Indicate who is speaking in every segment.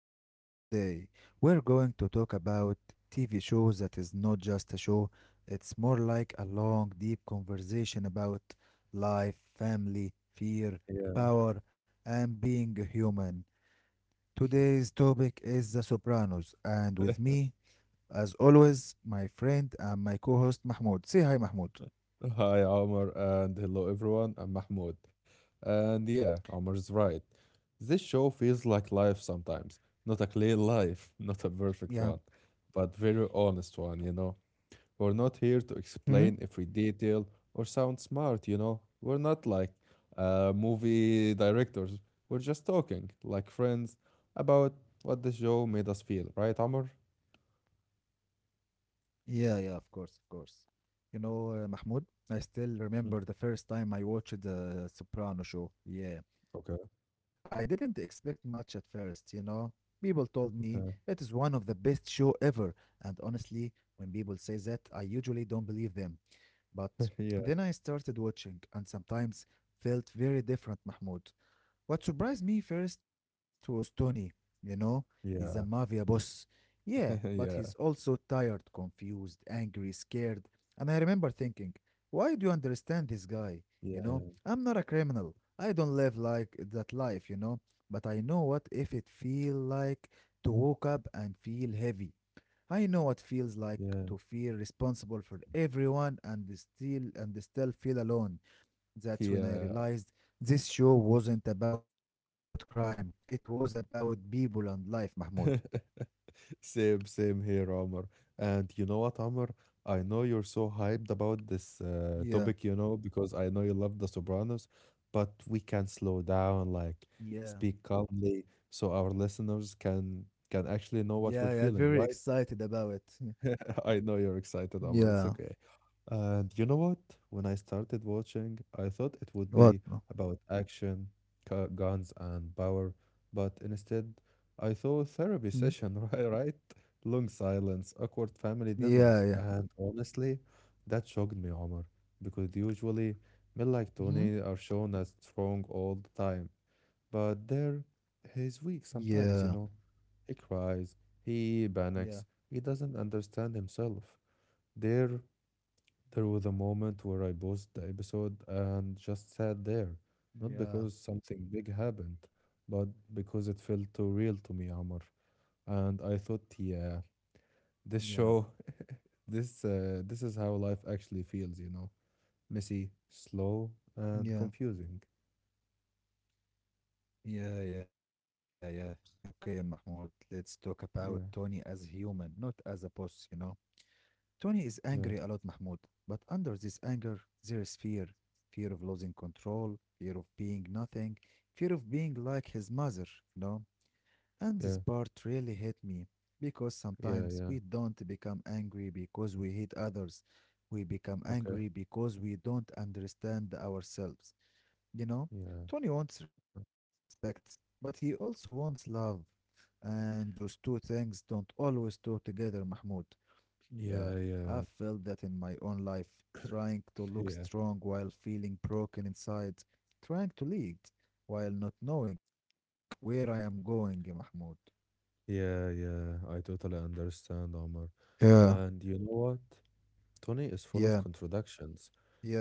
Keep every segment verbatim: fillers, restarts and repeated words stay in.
Speaker 1: here with us today. We're going to talk about T V shows that is not just a show, it's more like a long, deep conversation about life, family, fear, power,
Speaker 2: Yeah.
Speaker 1: and being a human. Today's topic is The Sopranos, and with me, as always, my friend and my co host Mahmoud. Say hi, Mahmoud.
Speaker 2: Hi, Omar, and hello, everyone. I'm Mahmoud. And yeah, Omar is right. This show feels like life sometimes. Not a clean
Speaker 1: Yeah.
Speaker 2: life, not a perfect one, but very honest one, you know. We're not here to explain every detail or sound smart, you know. We're not like uh, movie directors. We're just talking, like friends, about what the show made us feel, right, Omar?
Speaker 1: Yeah, yeah, of course, of course. You know, uh, Mahmoud, I still remember the first time I
Speaker 2: Mhm.
Speaker 1: watched the Soprano show. Yeah. I didn't
Speaker 2: Okay.
Speaker 1: expect much at first, you know. People told me it is one of the best
Speaker 2: Yeah.
Speaker 1: show ever, and honestly, when people say that, I usually don't believe them. But then I started
Speaker 2: Yeah.
Speaker 1: watching and sometimes felt very different, Mahmoud. What surprised me first was Tony. You know, he's a mafia boss.
Speaker 2: Yeah.
Speaker 1: Yeah, but he's also
Speaker 2: yeah.
Speaker 1: tired, confused, angry, scared. And I remember thinking, why do you understand this guy? You know,
Speaker 2: Yeah,
Speaker 1: I'm not a criminal. I don't live like that life, you know. But I know what if it feel like to wake up and feel heavy. I know what feels like
Speaker 2: yeah.
Speaker 1: to feel responsible for everyone and still and still feel alone. That's when I
Speaker 2: Yeah,
Speaker 1: realized this show wasn't about crime. It was about people and life, Mahmoud.
Speaker 2: same, same here, Omar. And you know what, Omar? I know you're so hyped about this
Speaker 1: Yeah,
Speaker 2: uh, topic, you know, because I know you love The Sopranos, but we can slow down, like
Speaker 1: yeah,
Speaker 2: speak calmly, so our listeners can can
Speaker 1: yeah,
Speaker 2: actually
Speaker 1: yeah.
Speaker 2: know what
Speaker 1: Very
Speaker 2: we're feeling,
Speaker 1: excited
Speaker 2: right?
Speaker 1: about it.
Speaker 2: I know you're
Speaker 1: Yeah,
Speaker 2: excited, Omar.
Speaker 1: Yeah.
Speaker 2: It's okay. And you know what? When I started watching, I thought it would
Speaker 1: What?
Speaker 2: be about action, gu- guns, and power, but instead, I saw a therapy
Speaker 1: Hmm?
Speaker 2: session, right? Right? Long silence, awkward family
Speaker 1: Yeah,
Speaker 2: dinners,
Speaker 1: yeah.
Speaker 2: and honestly, that shocked me, Omar, because usually men like
Speaker 1: Mhm.
Speaker 2: Tony are shown as strong all the time, but there, he's weak sometimes, you
Speaker 1: Yeah.
Speaker 2: know. He cries, he
Speaker 1: Yeah,
Speaker 2: panics, he doesn't understand himself. There, there was a moment where I paused the episode and just sat there. Not because
Speaker 1: yeah,
Speaker 2: something big happened, but because it felt too real to me, Amr. And I thought, yeah,
Speaker 1: Yeah.
Speaker 2: this show, this, uh, this is how life actually feels, you know. Messy, slow, and
Speaker 1: Yeah.
Speaker 2: confusing.
Speaker 1: Yeah, yeah, yeah. Okay, Mahmoud, let's talk about Tony as a
Speaker 2: Yeah,
Speaker 1: human, not as a boss, you know. Tony is angry a lot,
Speaker 2: yeah,
Speaker 1: Mahmoud, but under this anger, there is fear fear of losing control, fear of being nothing, fear of being like his mother, you know? And this
Speaker 2: yeah,
Speaker 1: part really hit me because
Speaker 2: yeah,
Speaker 1: sometimes
Speaker 2: yeah.
Speaker 1: we don't become angry because we hate others. We become
Speaker 2: Okay,
Speaker 1: angry because we don't understand ourselves, you
Speaker 2: yeah.
Speaker 1: know? Tony wants respect, but he also wants love. And those two things don't always go together, Mahmoud.
Speaker 2: Yeah,
Speaker 1: Yeah,
Speaker 2: yeah,
Speaker 1: I felt that in my own life, trying to
Speaker 2: yeah,
Speaker 1: look strong while feeling broken inside, trying to lead while not knowing where I am going, يا محمود.
Speaker 2: yeah, yeah. I totally understand, Omar.
Speaker 1: Yeah,
Speaker 2: And you know what? Tony is full of
Speaker 1: yeah,
Speaker 2: contradictions.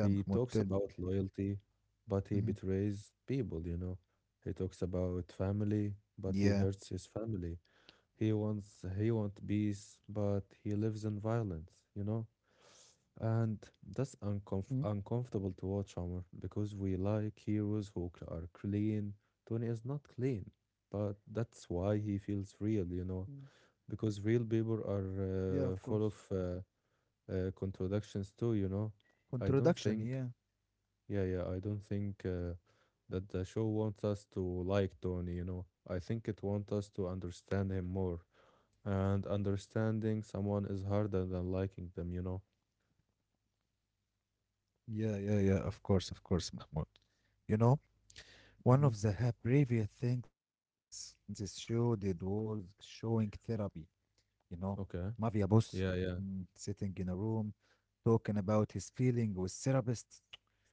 Speaker 2: He talks
Speaker 1: Mahmoud, tell
Speaker 2: about
Speaker 1: me.
Speaker 2: loyalty, but he
Speaker 1: Mhm.
Speaker 2: betrays people, you know. He talks about family, but he hurts his
Speaker 1: Yeah.
Speaker 2: family. He wants he wants peace, but he lives in violence, you know. And that's uncomf uncomfortable
Speaker 1: Mhm.
Speaker 2: to watch, Omar, because we like heroes who cl- are clean. Tony is not clean, but that's why he feels real, you know,
Speaker 1: Mm.
Speaker 2: because real people are uh, full of
Speaker 1: Yeah, of
Speaker 2: uh,
Speaker 1: course.
Speaker 2: uh, contradictions too, you know. I don't think,
Speaker 1: Contradiction, yeah.
Speaker 2: yeah, yeah, I don't think uh, that the show wants us to like Tony, you know. I think it wants us to understand him more. And understanding someone is harder than liking them, you know.
Speaker 1: Yeah, yeah, yeah, of course, of course, Mahmoud. You know,
Speaker 2: Hmm.
Speaker 1: one of the ha- previous things this show did was showing therapy, you know.
Speaker 2: Okay.
Speaker 1: Mafia boss
Speaker 2: Yeah, yeah.
Speaker 1: mm, sitting in a room talking about his feeling with therapist.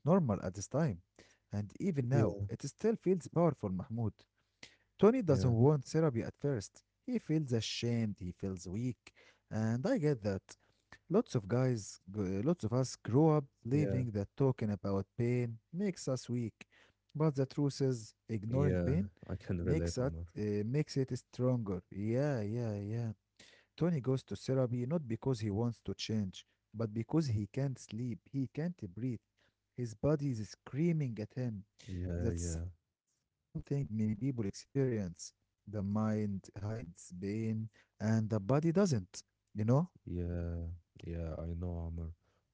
Speaker 1: That wasn't normal at this time.
Speaker 2: Yeah,
Speaker 1: And even now, it still feels powerful, Mahmoud.
Speaker 2: yeah,
Speaker 1: Tony doesn't want therapy at first. He feels ashamed, he feels weak, and I get that. Lots of guys, g- lots of us
Speaker 2: yeah,
Speaker 1: grow up believing that talking about pain makes us weak. But the truth
Speaker 2: yeah.
Speaker 1: is,
Speaker 2: I can
Speaker 1: ignoring
Speaker 2: relate,
Speaker 1: pain
Speaker 2: Amr.
Speaker 1: makes it, uh, makes it stronger. Yeah, yeah, yeah. Tony goes to therapy not because he wants to change, but because he can't sleep, he can't breathe. His body is screaming at
Speaker 2: Yeah,
Speaker 1: him.
Speaker 2: yeah,
Speaker 1: That's something many people experience. The mind hides pain and the body doesn't. You know?
Speaker 2: yeah, yeah. I know, Amr.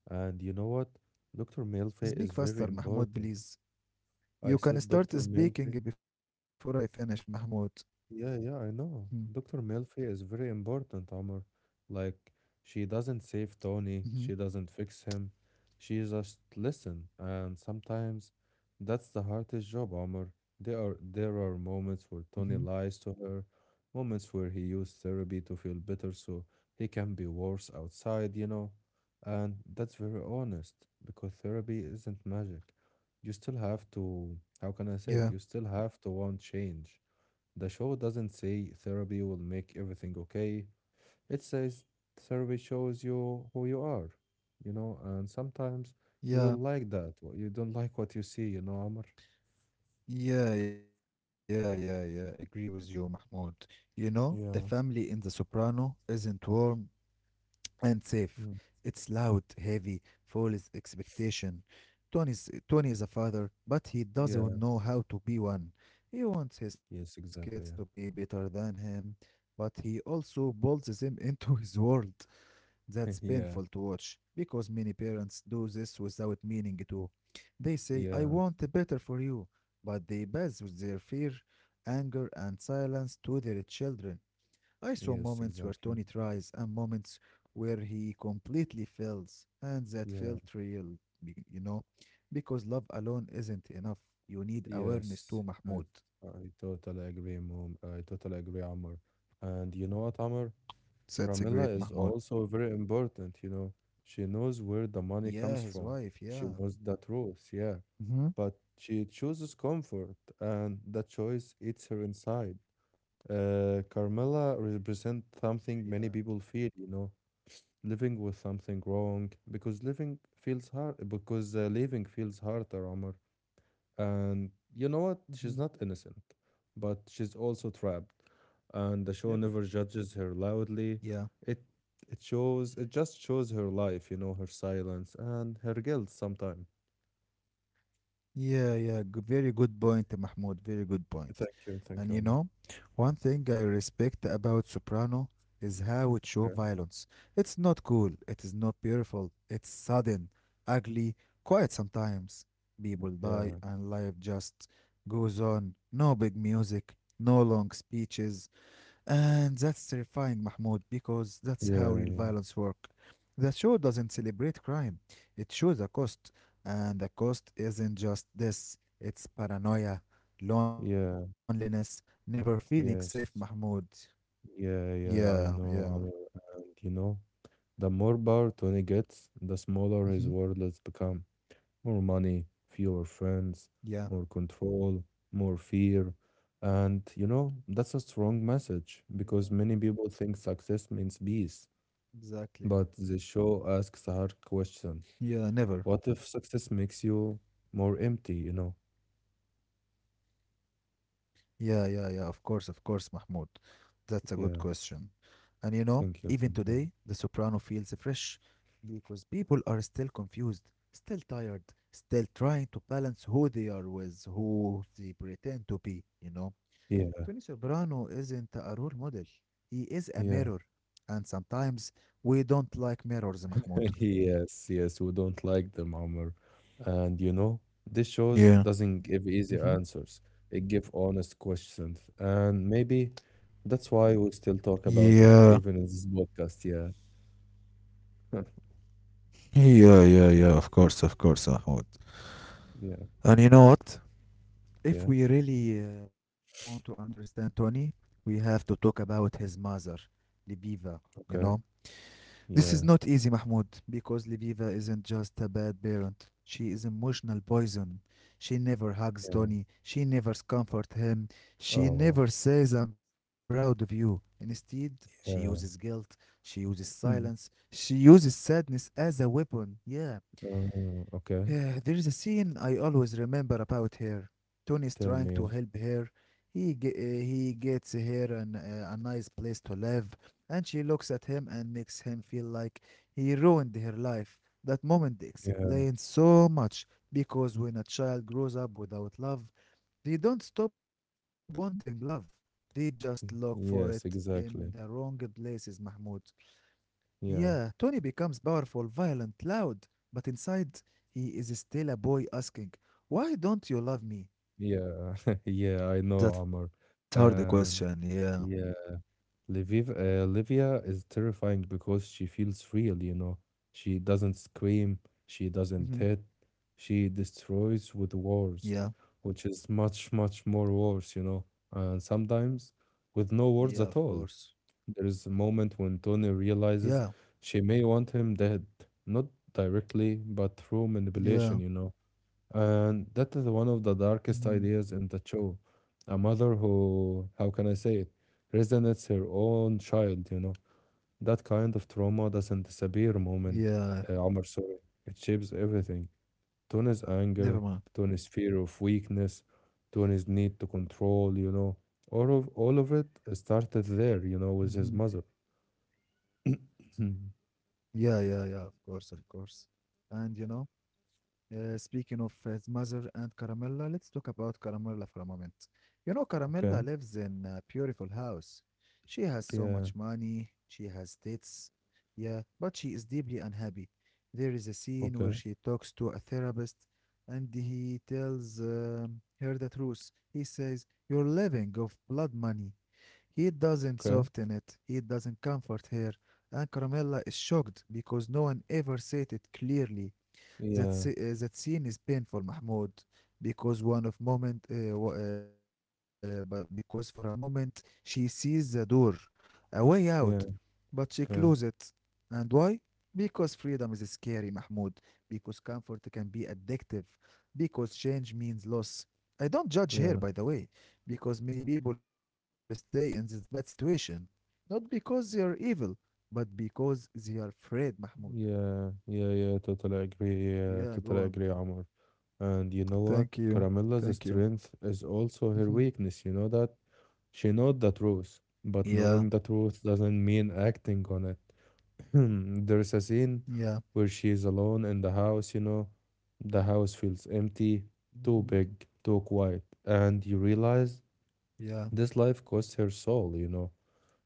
Speaker 2: And you know what? doctor Milfe is very
Speaker 1: Speak faster,
Speaker 2: important.
Speaker 1: Mahmoud, please.
Speaker 2: I said doctor
Speaker 1: You can
Speaker 2: Milfe.
Speaker 1: start speaking before I finish, Mahmoud.
Speaker 2: Yeah, yeah, I know. doctor Melfi is very important, Omar. Like, she doesn't save Tony, she doesn't
Speaker 1: Mm-hmm.
Speaker 2: fix him. She just listen, and sometimes that's the hardest job, Omar. There are there are moments where Tony lies to her,
Speaker 1: Mm-hmm.
Speaker 2: moments where he used therapy to feel better so he can be worse outside, you know. And that's very honest because therapy isn't magic. You still have to, how can I say it? You still have to
Speaker 1: Yeah.
Speaker 2: want change. The show doesn't say therapy will make everything okay. It says therapy shows you who you are, you know, and sometimes you don't like that. wh- You
Speaker 1: Yeah.
Speaker 2: don't like what you see, you know, Amr.
Speaker 1: Yeah, yeah, yeah, yeah. Agree with you, Mahmoud. You know, the
Speaker 2: Yeah.
Speaker 1: family in The Soprano isn't warm, and safe.
Speaker 2: Mm.
Speaker 1: It's loud, heavy, full of expectation. Tony's, Tony is a father, but he
Speaker 2: Yeah.
Speaker 1: doesn't know how to be one. He
Speaker 2: Yes,
Speaker 1: wants his
Speaker 2: exactly. Yeah.
Speaker 1: kids to be better than him, but he also bolts them into his world. That's
Speaker 2: Yeah.
Speaker 1: painful to watch because many parents do this without meaning to. They say,
Speaker 2: Yeah.
Speaker 1: I want better for you, but they bathe with their fear, anger, and silence to their children. I saw
Speaker 2: Yes,
Speaker 1: moments where Tony
Speaker 2: exactly.
Speaker 1: tries and moments where he completely fails, and that
Speaker 2: Yeah.
Speaker 1: felt real, be- you know, because love alone isn't enough. You need awareness
Speaker 2: Yes.
Speaker 1: too,
Speaker 2: I
Speaker 1: Mahmoud.
Speaker 2: I totally agree, Mom. I totally agree, Amr. And you know what, Amr?
Speaker 1: That's a
Speaker 2: Carmilla
Speaker 1: great
Speaker 2: is
Speaker 1: Mahmoud.
Speaker 2: also very important, you know. She knows where the money comes
Speaker 1: Yeah,
Speaker 2: from.
Speaker 1: his wife,
Speaker 2: She knows
Speaker 1: yeah.
Speaker 2: the truth, yeah.
Speaker 1: Mm-hmm.
Speaker 2: But she chooses comfort, and that choice eats her inside. Uh, Carmilla represents
Speaker 1: Yeah,
Speaker 2: something many people feel, you know, living with something wrong, because living feels hard, because uh, living feels hard, Omar. And you know what? She's
Speaker 1: Mm-hmm.
Speaker 2: not innocent, but she's also trapped.
Speaker 1: Never.
Speaker 2: And the show never judges her
Speaker 1: Yeah.
Speaker 2: loudly. It it shows it just shows her life, you know, her silence and her guilt sometimes.
Speaker 1: Yeah, yeah, good, very good point, Mahmoud. Very good point.
Speaker 2: Thank you, thank
Speaker 1: And
Speaker 2: you,
Speaker 1: you
Speaker 2: Omar.
Speaker 1: know, one thing I respect about Soprano is how it shows
Speaker 2: Okay.
Speaker 1: violence. It's not cool, it is not beautiful, it's sudden, ugly, quiet sometimes. People die
Speaker 2: Yeah,
Speaker 1: and life just goes on. No big music, no long speeches, and that's terrifying, Mahmoud, because that's
Speaker 2: yeah,
Speaker 1: how real
Speaker 2: yeah,
Speaker 1: violence works. The show doesn't celebrate crime. It shows a cost. And the cost isn't just this. It's paranoia, loneliness,
Speaker 2: yeah,
Speaker 1: never feeling safe, Mahmoud.
Speaker 2: yes,
Speaker 1: Yeah,
Speaker 2: yeah,
Speaker 1: yeah.
Speaker 2: yeah. I know, Omar. And you know, the more power Tony gets,
Speaker 1: Hmm.
Speaker 2: the smaller his world has become. More money, fewer
Speaker 1: Yeah,
Speaker 2: friends, more control, more fear. And you know, that's a strong
Speaker 1: yeah,
Speaker 2: message because many people think success means
Speaker 1: exactly.
Speaker 2: peace. But the show asks a hard
Speaker 1: Yeah, never.
Speaker 2: question. What if success makes you more empty, you know?
Speaker 1: Yeah, yeah, yeah, of course, of course, Mahmoud. That's a good question.
Speaker 2: Yeah.
Speaker 1: And you know, even
Speaker 2: Thank
Speaker 1: today,
Speaker 2: you.
Speaker 1: The
Speaker 2: Thank you.
Speaker 1: Soprano feels fresh because people are still confused, still tired, still trying to balance who they are with who they pretend to be, you know. Tony
Speaker 2: Yeah.
Speaker 1: Soprano isn't a role model, he is a mirror.
Speaker 2: Yeah.
Speaker 1: And sometimes we don't like mirrors, Mahmoud.
Speaker 2: Yes, yes, we don't like them, Omar. And you know, this shows
Speaker 1: Yeah.
Speaker 2: doesn't give easy
Speaker 1: Hmm.
Speaker 2: answers. It gives honest questions. And maybe that's why we still talk
Speaker 1: Yeah,
Speaker 2: about it, even in this podcast. Yeah.
Speaker 1: yeah, yeah, yeah, of course, of course, Mahmoud.
Speaker 2: Yeah,
Speaker 1: And you know what?
Speaker 2: yeah,
Speaker 1: If we really uh, want to understand Tony, we have to talk about his mother, Libiva. You know,
Speaker 2: okay.
Speaker 1: this is not
Speaker 2: Yeah,
Speaker 1: easy, Mahmoud, because Libiva isn't just a bad parent. She is emotional poison. She never
Speaker 2: yeah.
Speaker 1: hugs Tony. She never comforts him.
Speaker 2: Oh,
Speaker 1: She never says, I'm proud of you. Instead, she uses
Speaker 2: yeah.
Speaker 1: guilt. She uses
Speaker 2: Hmm.
Speaker 1: silence. She uses sadness as a weapon. Yeah,
Speaker 2: Uh, okay.
Speaker 1: uh, there is a scene I always remember about her. Tony is
Speaker 2: Tell
Speaker 1: trying to
Speaker 2: me.
Speaker 1: help her. He ge- uh, he gets her an, uh, a nice place to live, and she looks at him and makes him feel like he ruined her life. That moment
Speaker 2: Yeah.
Speaker 1: explains so much because when a child grows up without love, they don't stop wanting love. They just look for it in the
Speaker 2: Yes,
Speaker 1: wrong
Speaker 2: exactly.
Speaker 1: places, Mahmoud. Yeah, Tony
Speaker 2: Yeah.
Speaker 1: becomes powerful, violent, loud, but inside he is still a boy asking, why don't you love me?
Speaker 2: Yeah. Yeah, I know,
Speaker 1: That's hard
Speaker 2: Omar.
Speaker 1: question, yeah.
Speaker 2: And yeah. Liviv uh, Livia is terrifying because she feels real, you know. She doesn't scream, she
Speaker 1: Hmm.
Speaker 2: doesn't hit, she destroys with
Speaker 1: Yeah,
Speaker 2: words, which is much, much more worse, you know. And sometimes with no
Speaker 1: yeah, of
Speaker 2: words at
Speaker 1: course.
Speaker 2: all. There is a moment when Tony
Speaker 1: Yeah,
Speaker 2: realizes she may want him dead, not directly, but through
Speaker 1: yeah,
Speaker 2: manipulation, you know. And that is one of the darkest
Speaker 1: hmm,
Speaker 2: ideas in the show. A mother who, how can I say it, resonates her own child, you know. That kind of trauma doesn't disappear
Speaker 1: yeah,
Speaker 2: moment, uh, Omar, sorry. It shapes everything. Tony's
Speaker 1: never mind.
Speaker 2: anger, Tony's fear of weakness, Tony's need to control, you know. All of all of it started
Speaker 1: Hmm.
Speaker 2: there, you know, with his mother.
Speaker 1: Yeah, yeah, yeah, of course, of course. And you know, Uh, speaking of his mother and Caramella, let's talk about Caramella for a moment. You know, Caramella
Speaker 2: Okay.
Speaker 1: lives in a beautiful house. She has so much
Speaker 2: Yeah.
Speaker 1: money, she has dates, yeah, but she is deeply unhappy. There is a scene where
Speaker 2: Okay.
Speaker 1: she talks to a therapist and he tells um, her the truth. He says, you're living off blood money. He doesn't
Speaker 2: Okay.
Speaker 1: soften it, he doesn't comfort her, and Caramella is shocked because no one ever said it clearly. That
Speaker 2: Yeah.
Speaker 1: se- uh, that scene is painful, Mahmoud, because one of moment, uh, wa- uh, but because for a moment she sees the door, a way
Speaker 2: Yeah.
Speaker 1: out, but she
Speaker 2: Yeah.
Speaker 1: closes it. And why? Because freedom is scary, Mahmoud. Because comfort can be addictive. Because change means loss. I don't judge here,
Speaker 2: Yeah.
Speaker 1: by the way, because many people stay in this bad situation, not because they are evil, but because they are afraid, Mahmoud.
Speaker 2: Yeah, yeah, yeah, totally agree.
Speaker 1: Yeah,
Speaker 2: Yeah,
Speaker 1: go
Speaker 2: totally
Speaker 1: on.
Speaker 2: agree, Amr. And you know
Speaker 1: Thank
Speaker 2: what?
Speaker 1: you.
Speaker 2: Caramella's
Speaker 1: Thank you.
Speaker 2: strength is also her
Speaker 1: Hmm.
Speaker 2: weakness. You know that? She knows the truth, but
Speaker 1: Yeah.
Speaker 2: knowing the truth doesn't mean acting on it. There's a scene
Speaker 1: Yeah.
Speaker 2: where she is alone in the house, you know. The house feels empty, too
Speaker 1: Hmm.
Speaker 2: big, too quiet, and you realize
Speaker 1: Yeah.
Speaker 2: this life costs her soul, you know.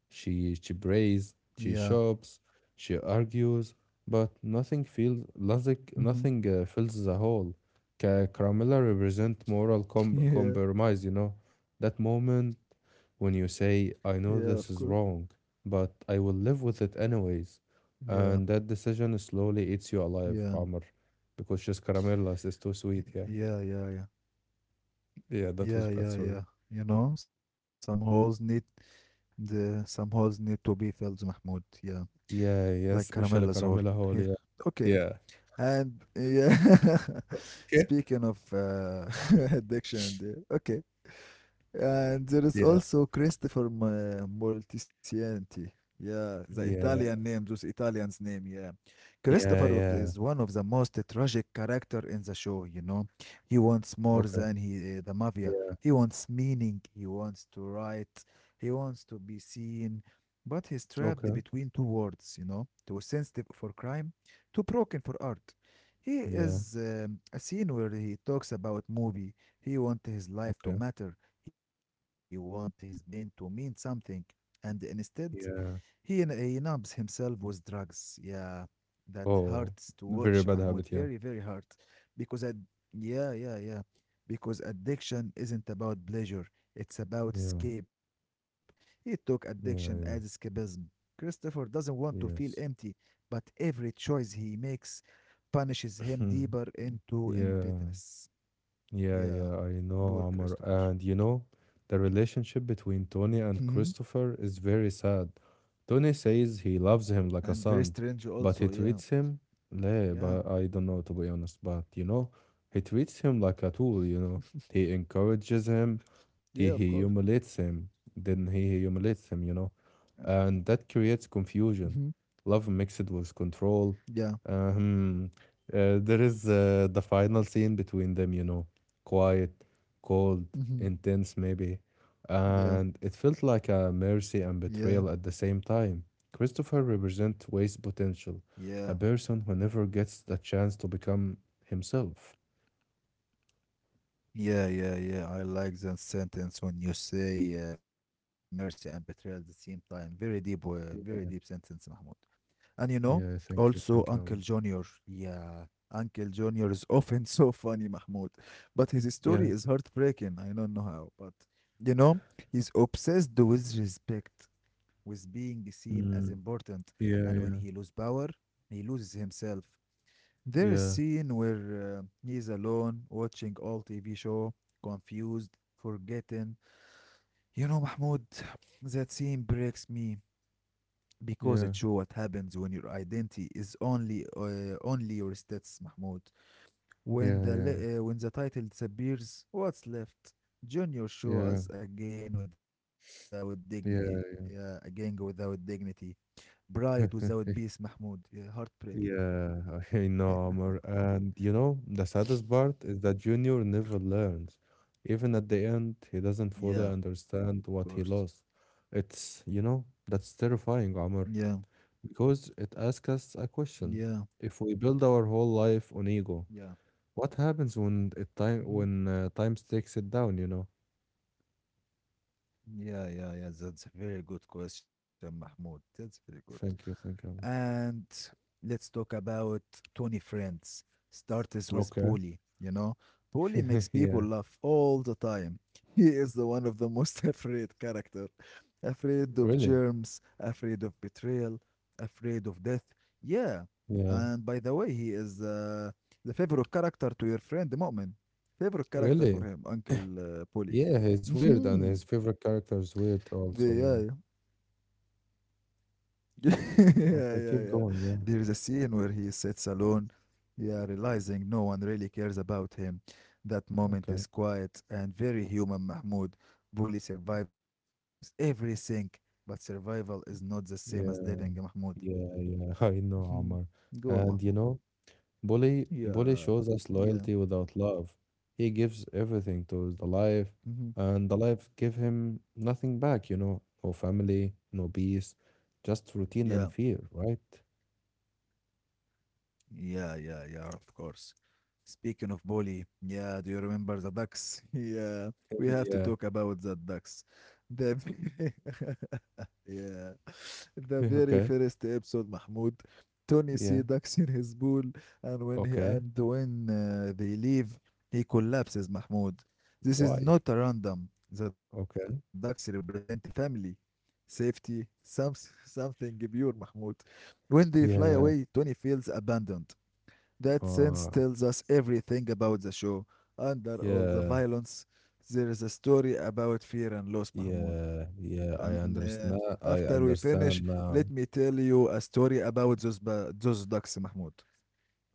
Speaker 2: She, she prays, she
Speaker 1: Yeah.
Speaker 2: shops, she argues, but nothing feels nothing,
Speaker 1: Hmm.
Speaker 2: nothing uh, fills the hole. Ca Carmilla represent moral com
Speaker 1: Yeah.
Speaker 2: compromise, you know, that moment when you
Speaker 1: Yeah.
Speaker 2: say,
Speaker 1: Of
Speaker 2: I
Speaker 1: course.
Speaker 2: know this is wrong, but I will live with it anyways.
Speaker 1: Yeah.
Speaker 2: And that decision slowly eats you
Speaker 1: Yeah.
Speaker 2: alive, Amr, because just caramella is
Speaker 1: y-
Speaker 2: too sweet,
Speaker 1: Yeah.
Speaker 2: yeah.
Speaker 1: Yeah. Yeah.
Speaker 2: Yeah,
Speaker 1: Yeah.
Speaker 2: that was
Speaker 1: Yeah.
Speaker 2: bad,
Speaker 1: Yeah.
Speaker 2: sorry.
Speaker 1: You know, some holes need the some holes need to be filled, Mahmoud. Yeah. Like
Speaker 2: Yeah, yeah,
Speaker 1: Caramella's hole.
Speaker 2: special
Speaker 1: Hey.
Speaker 2: caramella hole, yeah.
Speaker 1: Okay.
Speaker 2: Yeah,
Speaker 1: And yeah,
Speaker 2: okay.
Speaker 1: speaking of uh, addiction, uh, okay. And there is
Speaker 2: Yeah,
Speaker 1: also Christopher Ma- Moltisanti. Yeah, the Italian
Speaker 2: yeah.
Speaker 1: name, those Italians' name. Yeah, Christopher
Speaker 2: Yeah,
Speaker 1: of-
Speaker 2: yeah.
Speaker 1: is one of the most tragic character in the show. You know, he wants more
Speaker 2: Okay.
Speaker 1: than he uh, the mafia.
Speaker 2: Yeah.
Speaker 1: He wants meaning. He wants to write. He wants to be seen, but he's trapped
Speaker 2: Okay.
Speaker 1: between two worlds. You know, too sensitive for crime, too broken for art. He
Speaker 2: Yeah.
Speaker 1: is um, a scene where he talks about movie. He wants his life
Speaker 2: Okay.
Speaker 1: to matter, he wants his pain to mean something, and instead, he,
Speaker 2: Yeah.
Speaker 1: he numbs himself with drugs. Yeah, that hurts to
Speaker 2: Oh,
Speaker 1: watch,
Speaker 2: very
Speaker 1: Mahmoud.
Speaker 2: bad
Speaker 1: Very,
Speaker 2: habit. Yeah.
Speaker 1: very hurt. Because, ad- yeah, yeah, yeah. Because addiction isn't about pleasure, it's about
Speaker 2: Yeah.
Speaker 1: escape. He took addiction as
Speaker 2: Yeah. Yeah.
Speaker 1: escapism. Christopher doesn't want to feel empty,
Speaker 2: Yes.
Speaker 1: but every choice he makes punishes him deeper into
Speaker 2: Yeah.
Speaker 1: emptiness.
Speaker 2: Yeah,
Speaker 1: Yeah,
Speaker 2: yeah, I know,
Speaker 1: poor
Speaker 2: Amr.
Speaker 1: Christopher.
Speaker 2: And you know, the relationship between Tony and Christopher is very sad. Tony says he loves him like a
Speaker 1: and very
Speaker 2: son,
Speaker 1: strange
Speaker 2: but
Speaker 1: also,
Speaker 2: he
Speaker 1: yeah.
Speaker 2: treats him, leh,
Speaker 1: Yeah,
Speaker 2: but I don't know to be honest, but you know, he treats him like a tool, you know. He encourages him, he
Speaker 1: yeah, of course.
Speaker 2: humiliates him, then he humiliates him, you know.
Speaker 1: Yeah.
Speaker 2: And that creates confusion.
Speaker 1: Hmm.
Speaker 2: Love mixed with control.
Speaker 1: Yeah.
Speaker 2: Um, uh, there is uh, the final scene between them, you know, quiet, cold,
Speaker 1: Hmm.
Speaker 2: intense, maybe.
Speaker 1: Yeah,
Speaker 2: And it felt like a
Speaker 1: yeah,
Speaker 2: mercy and betrayal at the same time. Christopher represents Wade's potential,
Speaker 1: yeah,
Speaker 2: a person who never gets the chance to become himself.
Speaker 1: yeah, yeah, yeah. I like that sentence when you say uh, mercy and betrayal at the same time. Very deep, uh, very deep
Speaker 2: Yeah,
Speaker 1: sentence, Mahmoud. And you know,
Speaker 2: yeah,
Speaker 1: also
Speaker 2: thank you,
Speaker 1: Uncle
Speaker 2: thank you. um,
Speaker 1: Junior. Yeah. Uncle Junior is often so funny, Mahmoud, but his story
Speaker 2: Yeah,
Speaker 1: is heartbreaking. I don't know how, but you know, he's obsessed with respect, with being seen as
Speaker 2: mm,
Speaker 1: important,
Speaker 2: yeah,
Speaker 1: and when
Speaker 2: yeah,
Speaker 1: he loses power, he loses himself. There is
Speaker 2: yeah,
Speaker 1: scene where uh, he is alone, watching all T V show, confused, forgetting. You know, Mahmoud, that scene breaks me because it
Speaker 2: yeah,
Speaker 1: shows what happens when your identity is only uh, only your stats, Mahmoud. When the
Speaker 2: yeah,
Speaker 1: le- uh, when the title disappears, what's left? Junior show
Speaker 2: yeah,
Speaker 1: us again without dignity, yeah,
Speaker 2: yeah,
Speaker 1: again without dignity. Bright without peace,
Speaker 2: yeah.
Speaker 1: Mahmoud. Yeah, heartbreaking.
Speaker 2: Yeah, I
Speaker 1: Yeah,
Speaker 2: know, Amr. And you know, the saddest part is that Junior never learns. Even at the end, he doesn't fully
Speaker 1: yeah, of course.
Speaker 2: understand what he lost. It's, you know, that's
Speaker 1: Yeah,
Speaker 2: terrifying, Amr, because it asks us a
Speaker 1: yeah,
Speaker 2: question. If we build our whole life on
Speaker 1: yeah.
Speaker 2: ego, what happens when it time
Speaker 1: Hmm.
Speaker 2: when uh, time takes it down, you know?
Speaker 1: Yeah, yeah, yeah. That's a very good question, Mahmoud. That's very good.
Speaker 2: Thank you, thank you. Amr.
Speaker 1: And let's talk about Tony Friends. Start us with
Speaker 2: Okay.
Speaker 1: Paulie, you know? Paulie makes people
Speaker 2: Yeah,
Speaker 1: laugh all the time. He is the one of the most afraid character. Afraid of
Speaker 2: really.
Speaker 1: germs, afraid of betrayal, afraid of death. Yeah.
Speaker 2: Yeah,
Speaker 1: And by the way, he is uh, the favorite character to your friend the Mu'min. Favorite character for
Speaker 2: really.
Speaker 1: him, Uncle uh, Paulie.
Speaker 2: Yeah, he's weird, and his
Speaker 1: Mhm.
Speaker 2: favorite character is weird
Speaker 1: Yeah,
Speaker 2: also, yeah.
Speaker 1: yeah, yeah, yeah.
Speaker 2: Okay, keep
Speaker 1: There is a
Speaker 2: going. Yeah.
Speaker 1: scene where he sits alone, yeah, realizing no one really cares about him. That moment is
Speaker 2: Okay.
Speaker 1: quiet and very human, Mahmoud. Bully survives everything, but survival is not the same as living, Mahmoud.
Speaker 2: Yeah. Yeah. Yeah. I
Speaker 1: Mhm.
Speaker 2: know, Omar.
Speaker 1: Go on, Mahmoud.
Speaker 2: And you know, Bully Bully
Speaker 1: Yeah,
Speaker 2: shows us
Speaker 1: yeah,
Speaker 2: loyalty without love. He gives everything to the life,
Speaker 1: mhm.
Speaker 2: and the life give him nothing back. You know, no family, no peace,
Speaker 1: Yeah,
Speaker 2: just routine and fear. Right?
Speaker 1: yeah, yeah, yeah, of course. Speaking of Boli, yeah, do you remember the ducks? Yeah, we have to
Speaker 2: Yeah.
Speaker 1: talk about the ducks. The v- yeah, the
Speaker 2: Yeah,
Speaker 1: very
Speaker 2: okay.
Speaker 1: first episode, Mahmoud. Tony see
Speaker 2: Yeah.
Speaker 1: ducks in his pool, and when he
Speaker 2: Okay.
Speaker 1: and when uh, they leave, he collapses. Mahmoud, this is
Speaker 2: Why?
Speaker 1: not a random. The ducks
Speaker 2: Okay.
Speaker 1: represent family, safety, some something pure. Mahmoud, when they fly away, Tony
Speaker 2: Yeah.
Speaker 1: feels abandoned. That sense tells
Speaker 2: Uh.
Speaker 1: us everything about the show. Under all the
Speaker 2: Yeah.
Speaker 1: violence, there is a story about fear and loss, Mahmoud.
Speaker 2: Yeah.
Speaker 1: And
Speaker 2: Yeah.
Speaker 1: uh,
Speaker 2: I
Speaker 1: after we
Speaker 2: understand.
Speaker 1: finish,
Speaker 2: I
Speaker 1: let me
Speaker 2: understand
Speaker 1: tell you
Speaker 2: now.
Speaker 1: a story about those, ba- those ducks, Mahmoud.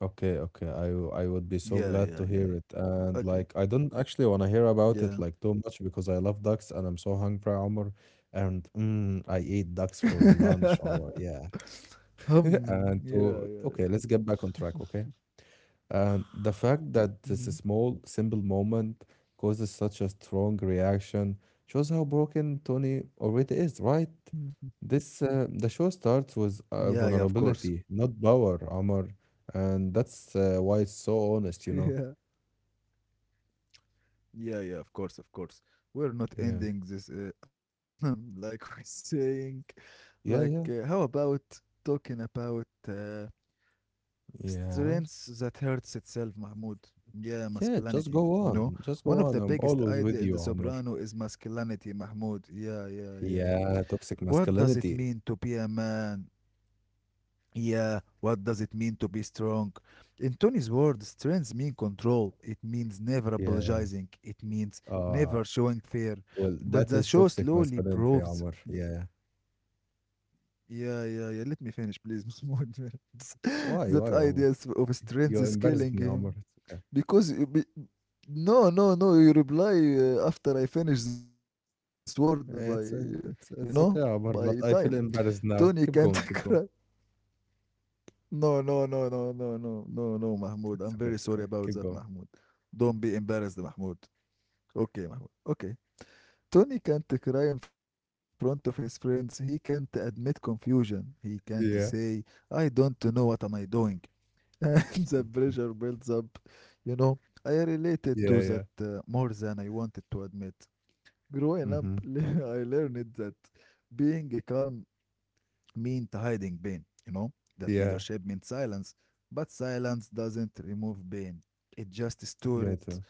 Speaker 2: Okay, okay. I w- I would be
Speaker 1: Yeah,
Speaker 2: so
Speaker 1: yeah,
Speaker 2: glad
Speaker 1: yeah,
Speaker 2: to
Speaker 1: yeah.
Speaker 2: hear it. And
Speaker 1: Okay.
Speaker 2: like I don't actually want to hear about it
Speaker 1: Yeah.
Speaker 2: like too much because I love ducks and I'm so hungry, Omar. And mm, I eat ducks for lunch, Omar. Yeah.
Speaker 1: Hmm.
Speaker 2: And
Speaker 1: Yeah,
Speaker 2: to
Speaker 1: yeah,
Speaker 2: okay,
Speaker 1: yeah.
Speaker 2: let's get back on track, okay? And the fact that this
Speaker 1: Mhm.
Speaker 2: small, simple moment causes such a strong reaction shows how broken Tony already is, right? This uh, the show
Speaker 1: Yeah,
Speaker 2: starts
Speaker 1: yeah,
Speaker 2: with
Speaker 1: of
Speaker 2: uh,
Speaker 1: course.
Speaker 2: vulnerability, not power, Omar, and that's uh, why it's so honest,
Speaker 1: Yeah.
Speaker 2: you know.
Speaker 1: Yeah, yeah, of course, of course. We're not ending
Speaker 2: Yeah,
Speaker 1: this uh, like we're saying. Like, uh, how
Speaker 2: yeah, yeah,
Speaker 1: about talking about uh, strengths
Speaker 2: yeah,
Speaker 1: that hurts itself, Mahmoud? Yeah,
Speaker 2: yeah.
Speaker 1: masculinity.
Speaker 2: Just go
Speaker 1: You know,
Speaker 2: on, just
Speaker 1: one of
Speaker 2: go
Speaker 1: the
Speaker 2: on. I'm
Speaker 1: biggest
Speaker 2: always
Speaker 1: idea
Speaker 2: with
Speaker 1: in The
Speaker 2: you, Omar.
Speaker 1: Soprano is masculinity, Mahmoud. Yeah, yeah, yeah.
Speaker 2: Yeah, toxic
Speaker 1: What does it mean
Speaker 2: masculinity.
Speaker 1: to be a man? Yeah, what does it mean to be strong? In Tony's words, strength means control. It means never
Speaker 2: Yeah.
Speaker 1: apologizing. It means
Speaker 2: Ah,
Speaker 1: never showing fear.
Speaker 2: well,
Speaker 1: But
Speaker 2: that
Speaker 1: the
Speaker 2: is
Speaker 1: show
Speaker 2: toxic
Speaker 1: slowly
Speaker 2: masculinity,
Speaker 1: proves.
Speaker 2: Omar. Yeah.
Speaker 1: Yeah, yeah, yeah. Let me finish, please. Mahmoud.
Speaker 2: Why,
Speaker 1: That
Speaker 2: why, Omar?
Speaker 1: idea of strength
Speaker 2: You
Speaker 1: is
Speaker 2: embarrassed
Speaker 1: killing
Speaker 2: me, Omar.
Speaker 1: him
Speaker 2: It's okay.
Speaker 1: because you be- no, no, no. You reply uh, after I finish this word by uh, you
Speaker 2: It's uh,
Speaker 1: know
Speaker 2: it's
Speaker 1: by
Speaker 2: it's okay,
Speaker 1: time.
Speaker 2: Omar. But I
Speaker 1: Tony
Speaker 2: feel
Speaker 1: can't
Speaker 2: embarrassed now.
Speaker 1: cry.
Speaker 2: Keep going, keep going.
Speaker 1: No, no, no, no, no, no, no, no, Mahmoud. I'm very
Speaker 2: It's
Speaker 1: sorry
Speaker 2: okay, it's
Speaker 1: about
Speaker 2: okay.
Speaker 1: that,
Speaker 2: Keep
Speaker 1: Mahmoud.
Speaker 2: going.
Speaker 1: Don't be embarrassed, Mahmoud. Okay, Mahmoud. Okay. Tony can't cry in front of his friends. He can't admit confusion. He can't say,
Speaker 2: Yeah.
Speaker 1: I don't know what am I doing. And the pressure builds up. You know, I related to
Speaker 2: Yeah,
Speaker 1: that
Speaker 2: yeah.
Speaker 1: uh, more than I wanted to admit. Growing up,
Speaker 2: Mhm.
Speaker 1: I learned that being calm meant hiding pain, you know? That
Speaker 2: Yeah,
Speaker 1: leadership meant silence, but silence doesn't remove pain. It just stores
Speaker 2: yeah,
Speaker 1: it.
Speaker 2: to-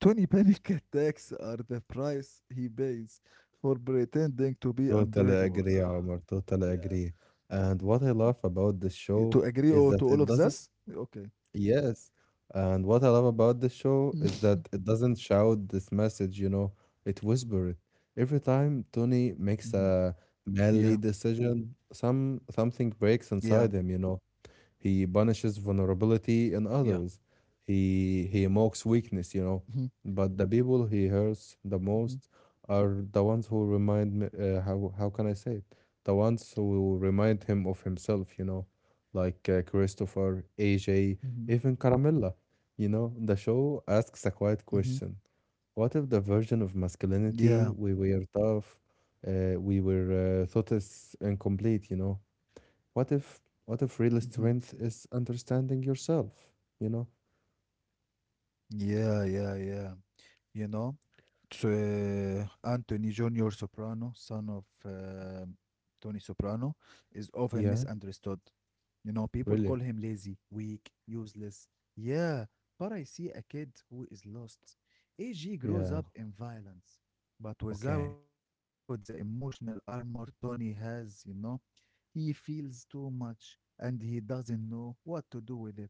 Speaker 1: twenty panic attacks are the price he pays for pretending to be
Speaker 2: totally
Speaker 1: unbreakable.
Speaker 2: agree, Omar. Totally
Speaker 1: Yeah.
Speaker 2: agree. And what I love about this
Speaker 1: To
Speaker 2: show
Speaker 1: agree
Speaker 2: is
Speaker 1: or to
Speaker 2: that
Speaker 1: all
Speaker 2: it
Speaker 1: of
Speaker 2: doesn't,
Speaker 1: this? Okay.
Speaker 2: yes. And what I love about this show is that it doesn't shout this message, you know, it whispers it. Every time
Speaker 1: Mhm.
Speaker 2: Tony makes a
Speaker 1: Yeah.
Speaker 2: manly decision, some something
Speaker 1: Yeah.
Speaker 2: breaks inside him, you know. He punishes
Speaker 1: Yeah.
Speaker 2: vulnerability in others. He he mocks weakness, you
Speaker 1: Mhm.
Speaker 2: know. But the people he hurts the
Speaker 1: Mhm.
Speaker 2: most are the ones who remind me. Uh, how how can I say it? The ones who remind him of himself, you know, like uh, Christopher,
Speaker 1: Mhm.
Speaker 2: A J, even Caramilla. You know, the show asks a quiet
Speaker 1: Mhm.
Speaker 2: question: What if the version of
Speaker 1: Yeah.
Speaker 2: masculinity we were tough, uh, we were uh, thought is incomplete, you know? What if what if real
Speaker 1: Mhm.
Speaker 2: strength is understanding yourself? You know?
Speaker 1: Yeah, yeah, yeah. You know? Tr- Anthony Junior Soprano, son of uh, Tony Soprano, is often
Speaker 2: Yeah,
Speaker 1: misunderstood. You know, people call
Speaker 2: really.
Speaker 1: him lazy, weak, useless. Yeah, but I see a kid who is lost. A G
Speaker 2: Yeah.
Speaker 1: grows up in violence, but
Speaker 2: Okay.
Speaker 1: without the emotional armor Tony has, you know, he feels too much and he doesn't know what to do with it.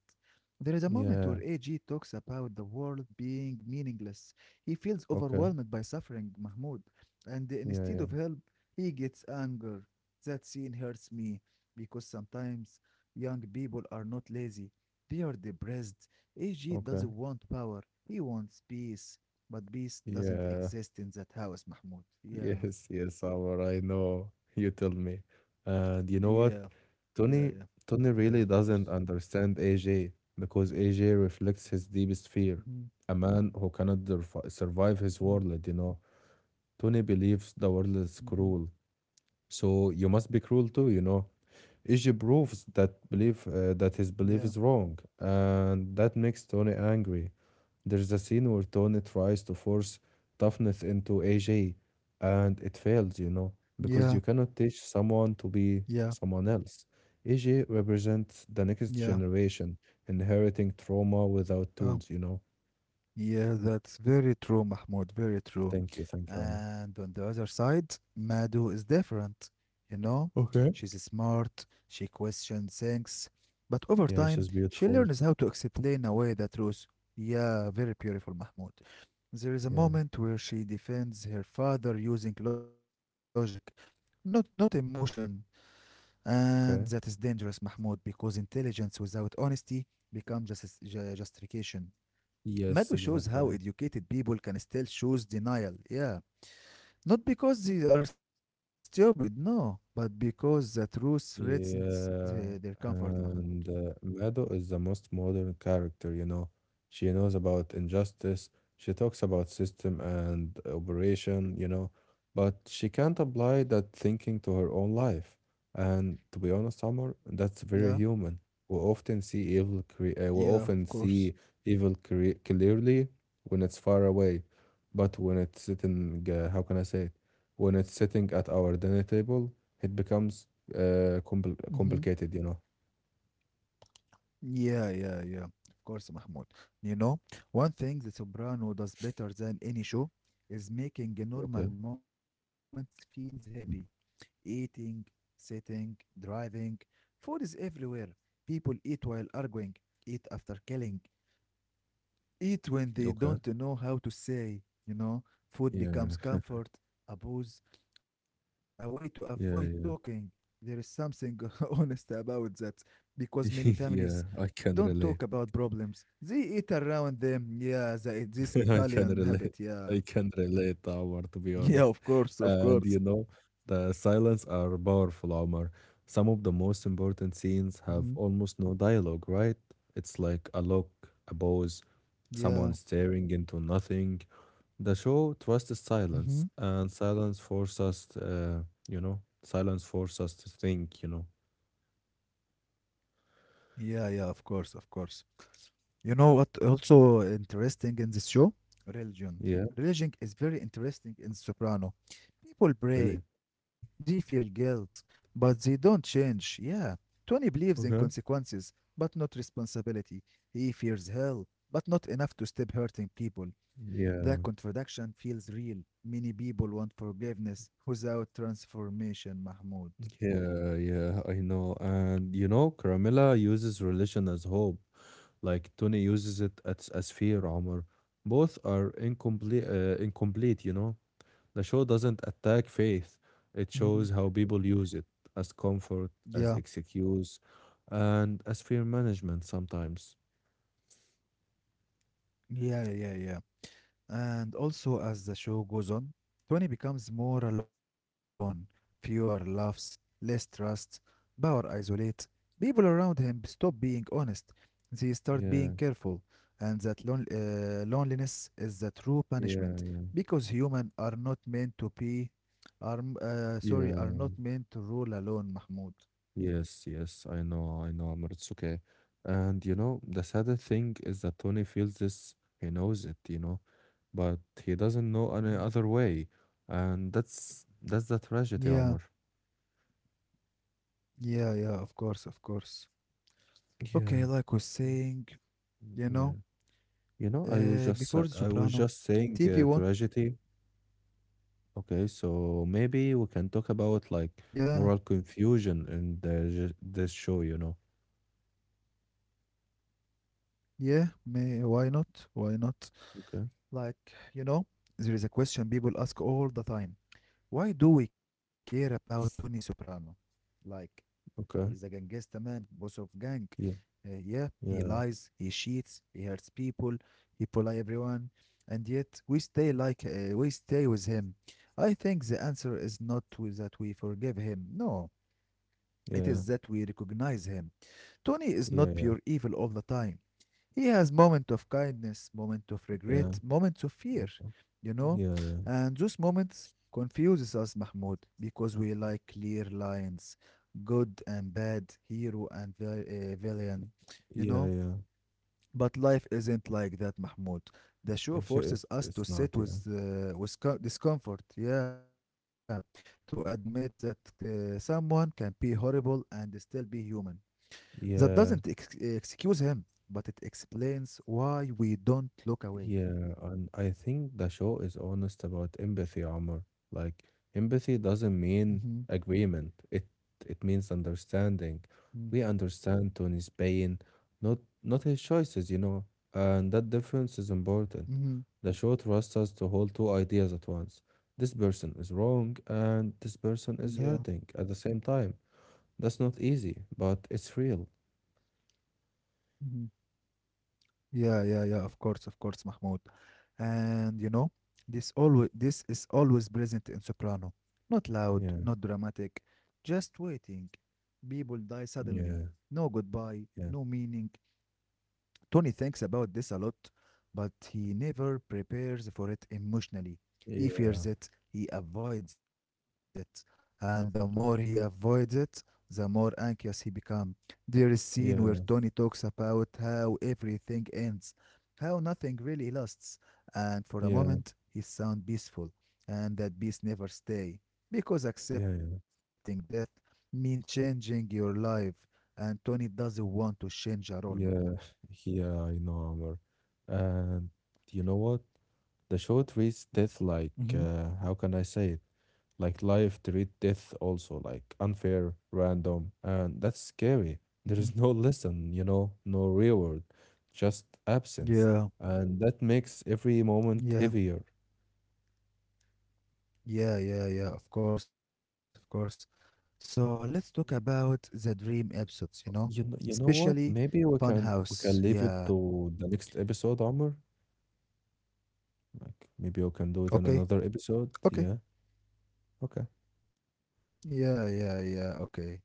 Speaker 1: There is a moment where A G
Speaker 2: Yeah.
Speaker 1: talks about the world being meaningless. He feels
Speaker 2: Okay.
Speaker 1: overwhelmed by suffering, Mahmoud, and
Speaker 2: Yeah,
Speaker 1: instead
Speaker 2: yeah.
Speaker 1: of help, he gets anger. That scene hurts me because sometimes young people are not lazy. They are depressed. A G
Speaker 2: Okay.
Speaker 1: doesn't want power. He wants peace. But peace doesn't
Speaker 2: Yeah.
Speaker 1: exist in that house, Mahmoud. Yeah,
Speaker 2: Yes, yes, Amar, I know. You tell me.
Speaker 1: yeah, yeah,
Speaker 2: And you know what?
Speaker 1: yeah,
Speaker 2: Tony
Speaker 1: yeah, of
Speaker 2: Tony
Speaker 1: course.
Speaker 2: really doesn't understand A J because A J reflects his deepest
Speaker 1: Hmm,
Speaker 2: fear. A man who cannot derf- survive his
Speaker 1: hmm,
Speaker 2: world, you know. Tony believes the world is
Speaker 1: hmm.
Speaker 2: cruel. So you must be cruel too, you know. Ishi proves that belief uh,
Speaker 1: Yeah,
Speaker 2: that his belief is wrong, and that makes Tony angry. There's a scene where Tony tries to force toughness into A J, and it fails, you know, because
Speaker 1: yeah,
Speaker 2: you cannot teach someone to be
Speaker 1: yeah,
Speaker 2: someone else. A J represents the next
Speaker 1: yeah.
Speaker 2: generation inheriting trauma without
Speaker 1: Oh,
Speaker 2: tools, you know.
Speaker 1: yeah, that's very true, Mahmoud. Very true.
Speaker 2: Thank you, thank you, Omar.
Speaker 1: And on the other side, Madhu is different, you know?
Speaker 2: Okay.
Speaker 1: She's smart, she questions things, but over
Speaker 2: Yeah,
Speaker 1: time,
Speaker 2: she's
Speaker 1: she
Speaker 2: beautiful.
Speaker 1: learns how to explain away the truth. Yeah, very beautiful, Mahmoud. There is a
Speaker 2: Yeah,
Speaker 1: moment where she defends her father using logic, not, not emotion, and that is dangerous,
Speaker 2: okay.
Speaker 1: Mahmoud, because intelligence without honesty becomes just, ju- justification. Madhu
Speaker 2: Yes,
Speaker 1: shows how
Speaker 2: exactly.
Speaker 1: educated people can still choose denial. Yeah, not because they are stupid, no, but because the truth threatens the, their
Speaker 2: Yeah,
Speaker 1: comfort, Mahmoud.
Speaker 2: and uh, Mado is the most modern character, you know. She knows about injustice, she talks about system and operation, you know, but she can't apply that thinking to her own life. And to be honest, Summer, that's
Speaker 1: Yeah,
Speaker 2: very human. We often see evil cre- uh, we
Speaker 1: yeah,
Speaker 2: often
Speaker 1: of
Speaker 2: see
Speaker 1: course.
Speaker 2: evil cre- clearly when it's far away, but when it's sitting, uh, how can I say it? When it's sitting at our dinner table, it becomes uh, compl
Speaker 1: Mm-hmm.
Speaker 2: complicated, you know.
Speaker 1: Yeah, yeah, yeah. Of course, Mahmoud. You know, one thing The Soprano does better than any show is making
Speaker 2: Okay,
Speaker 1: normal moments feels heavy. Eating, sitting, driving. Food is everywhere. People eat while arguing, eat after killing, eat when they don't
Speaker 2: okay.
Speaker 1: know how to say, you know, food becomes
Speaker 2: Yeah,
Speaker 1: comfort, a booze, a way to avoid talking.
Speaker 2: yeah, yeah.
Speaker 1: There is something honest about that because many families
Speaker 2: Yeah,
Speaker 1: don't
Speaker 2: I
Speaker 1: talk
Speaker 2: can
Speaker 1: about
Speaker 2: relate.
Speaker 1: problems. They eat around them. Yeah, the, this
Speaker 2: I
Speaker 1: Italian
Speaker 2: can
Speaker 1: habit.
Speaker 2: relate.
Speaker 1: Yeah.
Speaker 2: I can relate, Omar, to be
Speaker 1: Yeah,
Speaker 2: honest.
Speaker 1: of course, of
Speaker 2: And you
Speaker 1: course.
Speaker 2: know, the silence are powerful, Omar. Some of the most important scenes
Speaker 1: Hmm.
Speaker 2: have almost no dialogue, right? It's like a look, a pose,
Speaker 1: Yeah.
Speaker 2: someone staring into nothing. The show trusts
Speaker 1: Hmm.
Speaker 2: silence, and silence forces us, uh, you know, silence forces us to think, you know.
Speaker 1: Yeah, yeah, of course, of course. You know what also interesting in this show? Religion.
Speaker 2: Yeah.
Speaker 1: Religion is very interesting in Soprano. People pray,
Speaker 2: Really?
Speaker 1: they feel guilt, but they don't change. Yeah. Tony believes in consequences,
Speaker 2: Okay.
Speaker 1: but not responsibility. He fears hell, but not enough to stop hurting people. That
Speaker 2: Yeah,
Speaker 1: contradiction feels real. Many people want forgiveness without transformation, Mahmoud.
Speaker 2: yeah, yeah, I know. And you know, Carmilla uses religion as hope, like Tony uses it as, as fear, Omar. Both are incomplete, uh, incomplete, you know. The show doesn't attack faith,
Speaker 1: Hmm.
Speaker 2: it shows how people use it as
Speaker 1: Yeah.
Speaker 2: comfort, as excuse, and as fear management sometimes.
Speaker 1: Yeah, yeah, yeah. Yeah. And also, as the show goes on, Tony becomes more alone, fewer laughs, less trust, power isolates. People around him stop being honest, they start being careful,
Speaker 2: Yeah,
Speaker 1: and that lon- uh, loneliness is the true punishment
Speaker 2: yeah,
Speaker 1: because humans are not meant to be, are, m- uh, sorry, are
Speaker 2: yeah.
Speaker 1: not meant to rule alone, Mahmoud.
Speaker 2: Yes, yes, I know, I know, Amr. It's okay. And you know, the saddest thing is that Tony feels this, he knows it, you know, but he doesn't know any
Speaker 1: Mhm.
Speaker 2: other way. And that's that's the tragedy,
Speaker 1: Yeah,
Speaker 2: Amr.
Speaker 1: yeah, yeah, of course, of course. Okay,
Speaker 2: Yeah,
Speaker 1: like was saying,
Speaker 2: mm,
Speaker 1: you
Speaker 2: yeah.
Speaker 1: know.
Speaker 2: You know, I was
Speaker 1: Uh,
Speaker 2: just
Speaker 1: before
Speaker 2: sa-
Speaker 1: the
Speaker 2: I was
Speaker 1: Soprano,
Speaker 2: just saying
Speaker 1: T V
Speaker 2: uh,
Speaker 1: One.
Speaker 2: tragedy. Okay, so maybe we can talk about
Speaker 1: Yeah,
Speaker 2: like moral confusion in the this show, you know.
Speaker 1: yeah. May why not? Why not?
Speaker 2: Okay,
Speaker 1: Like you know, there is a question people ask all the time. Why do we care about Tony Soprano? Like he is a
Speaker 2: okay.
Speaker 1: gangster man, boss of gang.
Speaker 2: Yeah,
Speaker 1: Uh, yeah, he lies,
Speaker 2: yeah,
Speaker 1: he cheats, he hurts people, he polite everyone, and yet we stay like uh, we stay with him. I think the answer is not to- that we forgive him. No. It is
Speaker 2: yeah,
Speaker 1: that we recognize him. Tony is not
Speaker 2: yeah, yeah,
Speaker 1: pure evil all the time. He has moments of kindness, moments of
Speaker 2: yeah.
Speaker 1: regret, moments of fear,
Speaker 2: Okay.
Speaker 1: you know?
Speaker 2: Yeah, yeah.
Speaker 1: And those moments confuses us, Mahmoud, because we like clear lines, good and bad, hero and vil- uh, villain, you
Speaker 2: Yeah,
Speaker 1: know?
Speaker 2: yeah.
Speaker 1: But life isn't like that, Mahmoud. The show
Speaker 2: Yeah, shit,
Speaker 1: forces
Speaker 2: it's
Speaker 1: us to
Speaker 2: it's
Speaker 1: sit
Speaker 2: not, yeah.
Speaker 1: with, uh, with co- discomfort, yeah, to admit that uh, someone can be horrible and still be human. That
Speaker 2: Yeah,
Speaker 1: doesn't ex- excuse him, but it explains why we don't look
Speaker 2: yeah.
Speaker 1: away.
Speaker 2: And I think the show is honest about empathy, Omar. Like empathy doesn't mean agreement.
Speaker 1: Mm-hmm.
Speaker 2: It it means understanding. We understand Tony's pain, not not his choices, you know. And that difference is important. The show trusts
Speaker 1: Mm-hmm.
Speaker 2: us to hold two ideas at once. This person is wrong and this person is
Speaker 1: Yeah.
Speaker 2: hurting at the same time. That's not easy, but it's real.
Speaker 1: Mm-hmm. Yeah, yeah, yeah, of course, of course, Mahmoud. And you know, this always this is always present in Soprano.
Speaker 2: Yeah,
Speaker 1: Not loud, not dramatic, just waiting. People die
Speaker 2: yeah,
Speaker 1: suddenly. No
Speaker 2: yeah,
Speaker 1: goodbye, no meaning, Tony thinks about this a lot, but he never prepares for it
Speaker 2: yeah,
Speaker 1: emotionally. He fears it, he avoids it, and the more he avoids it, the more anxious he becomes. There is scene
Speaker 2: yeah,
Speaker 1: where Tony talks about how everything ends, how nothing really lasts,
Speaker 2: yeah, yeah,
Speaker 1: and for a moment he sounds peaceful, and that peace never stay,
Speaker 2: yeah,
Speaker 1: because accepting death means changing your life, and Tony doesn't want to change at all,
Speaker 2: yeah,
Speaker 1: Mahmoud.
Speaker 2: yeah, I know, Amr. And you know what? The show treats death like, uh, how can I
Speaker 1: Mm-hmm.
Speaker 2: say it? Like life treat death also, like unfair, random, and that's scary. There is no lesson, you know, no reward, just absence. And that
Speaker 1: Yeah,
Speaker 2: makes every moment heavier.
Speaker 1: yeah, yeah, yeah, yeah, of course, of course. So let's talk about the dream episodes, you know,
Speaker 2: You know, you know what?
Speaker 1: especially
Speaker 2: Maybe we can we can leave
Speaker 1: Funhouse.
Speaker 2: it
Speaker 1: Yeah,
Speaker 2: to the next episode, Omar. Like maybe we can do it in another
Speaker 1: okay,
Speaker 2: episode. Yeah.
Speaker 1: okay.
Speaker 2: Okay.
Speaker 1: Yeah, yeah, yeah, okay.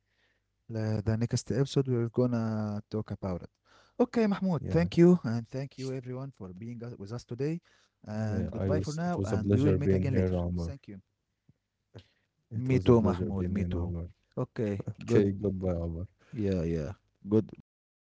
Speaker 1: La- The next episode, we're gonna talk about it. Okay, Mahmoud,
Speaker 2: Yeah.
Speaker 1: thank you, and thank you everyone for being us- with us today. And
Speaker 2: Yeah. I
Speaker 1: goodbye for
Speaker 2: was.
Speaker 1: now,
Speaker 2: It was a
Speaker 1: and we will
Speaker 2: pleasure
Speaker 1: meet
Speaker 2: being
Speaker 1: again later.
Speaker 2: here, Omar.
Speaker 1: Thank you.
Speaker 2: It
Speaker 1: Me
Speaker 2: was a
Speaker 1: too,
Speaker 2: pleasure
Speaker 1: Mahmoud,
Speaker 2: being
Speaker 1: me
Speaker 2: here,
Speaker 1: too.
Speaker 2: Omar.
Speaker 1: Okay, good.
Speaker 2: Okay. Goodbye, Omar.
Speaker 1: Yeah, yeah. Good, goodbye,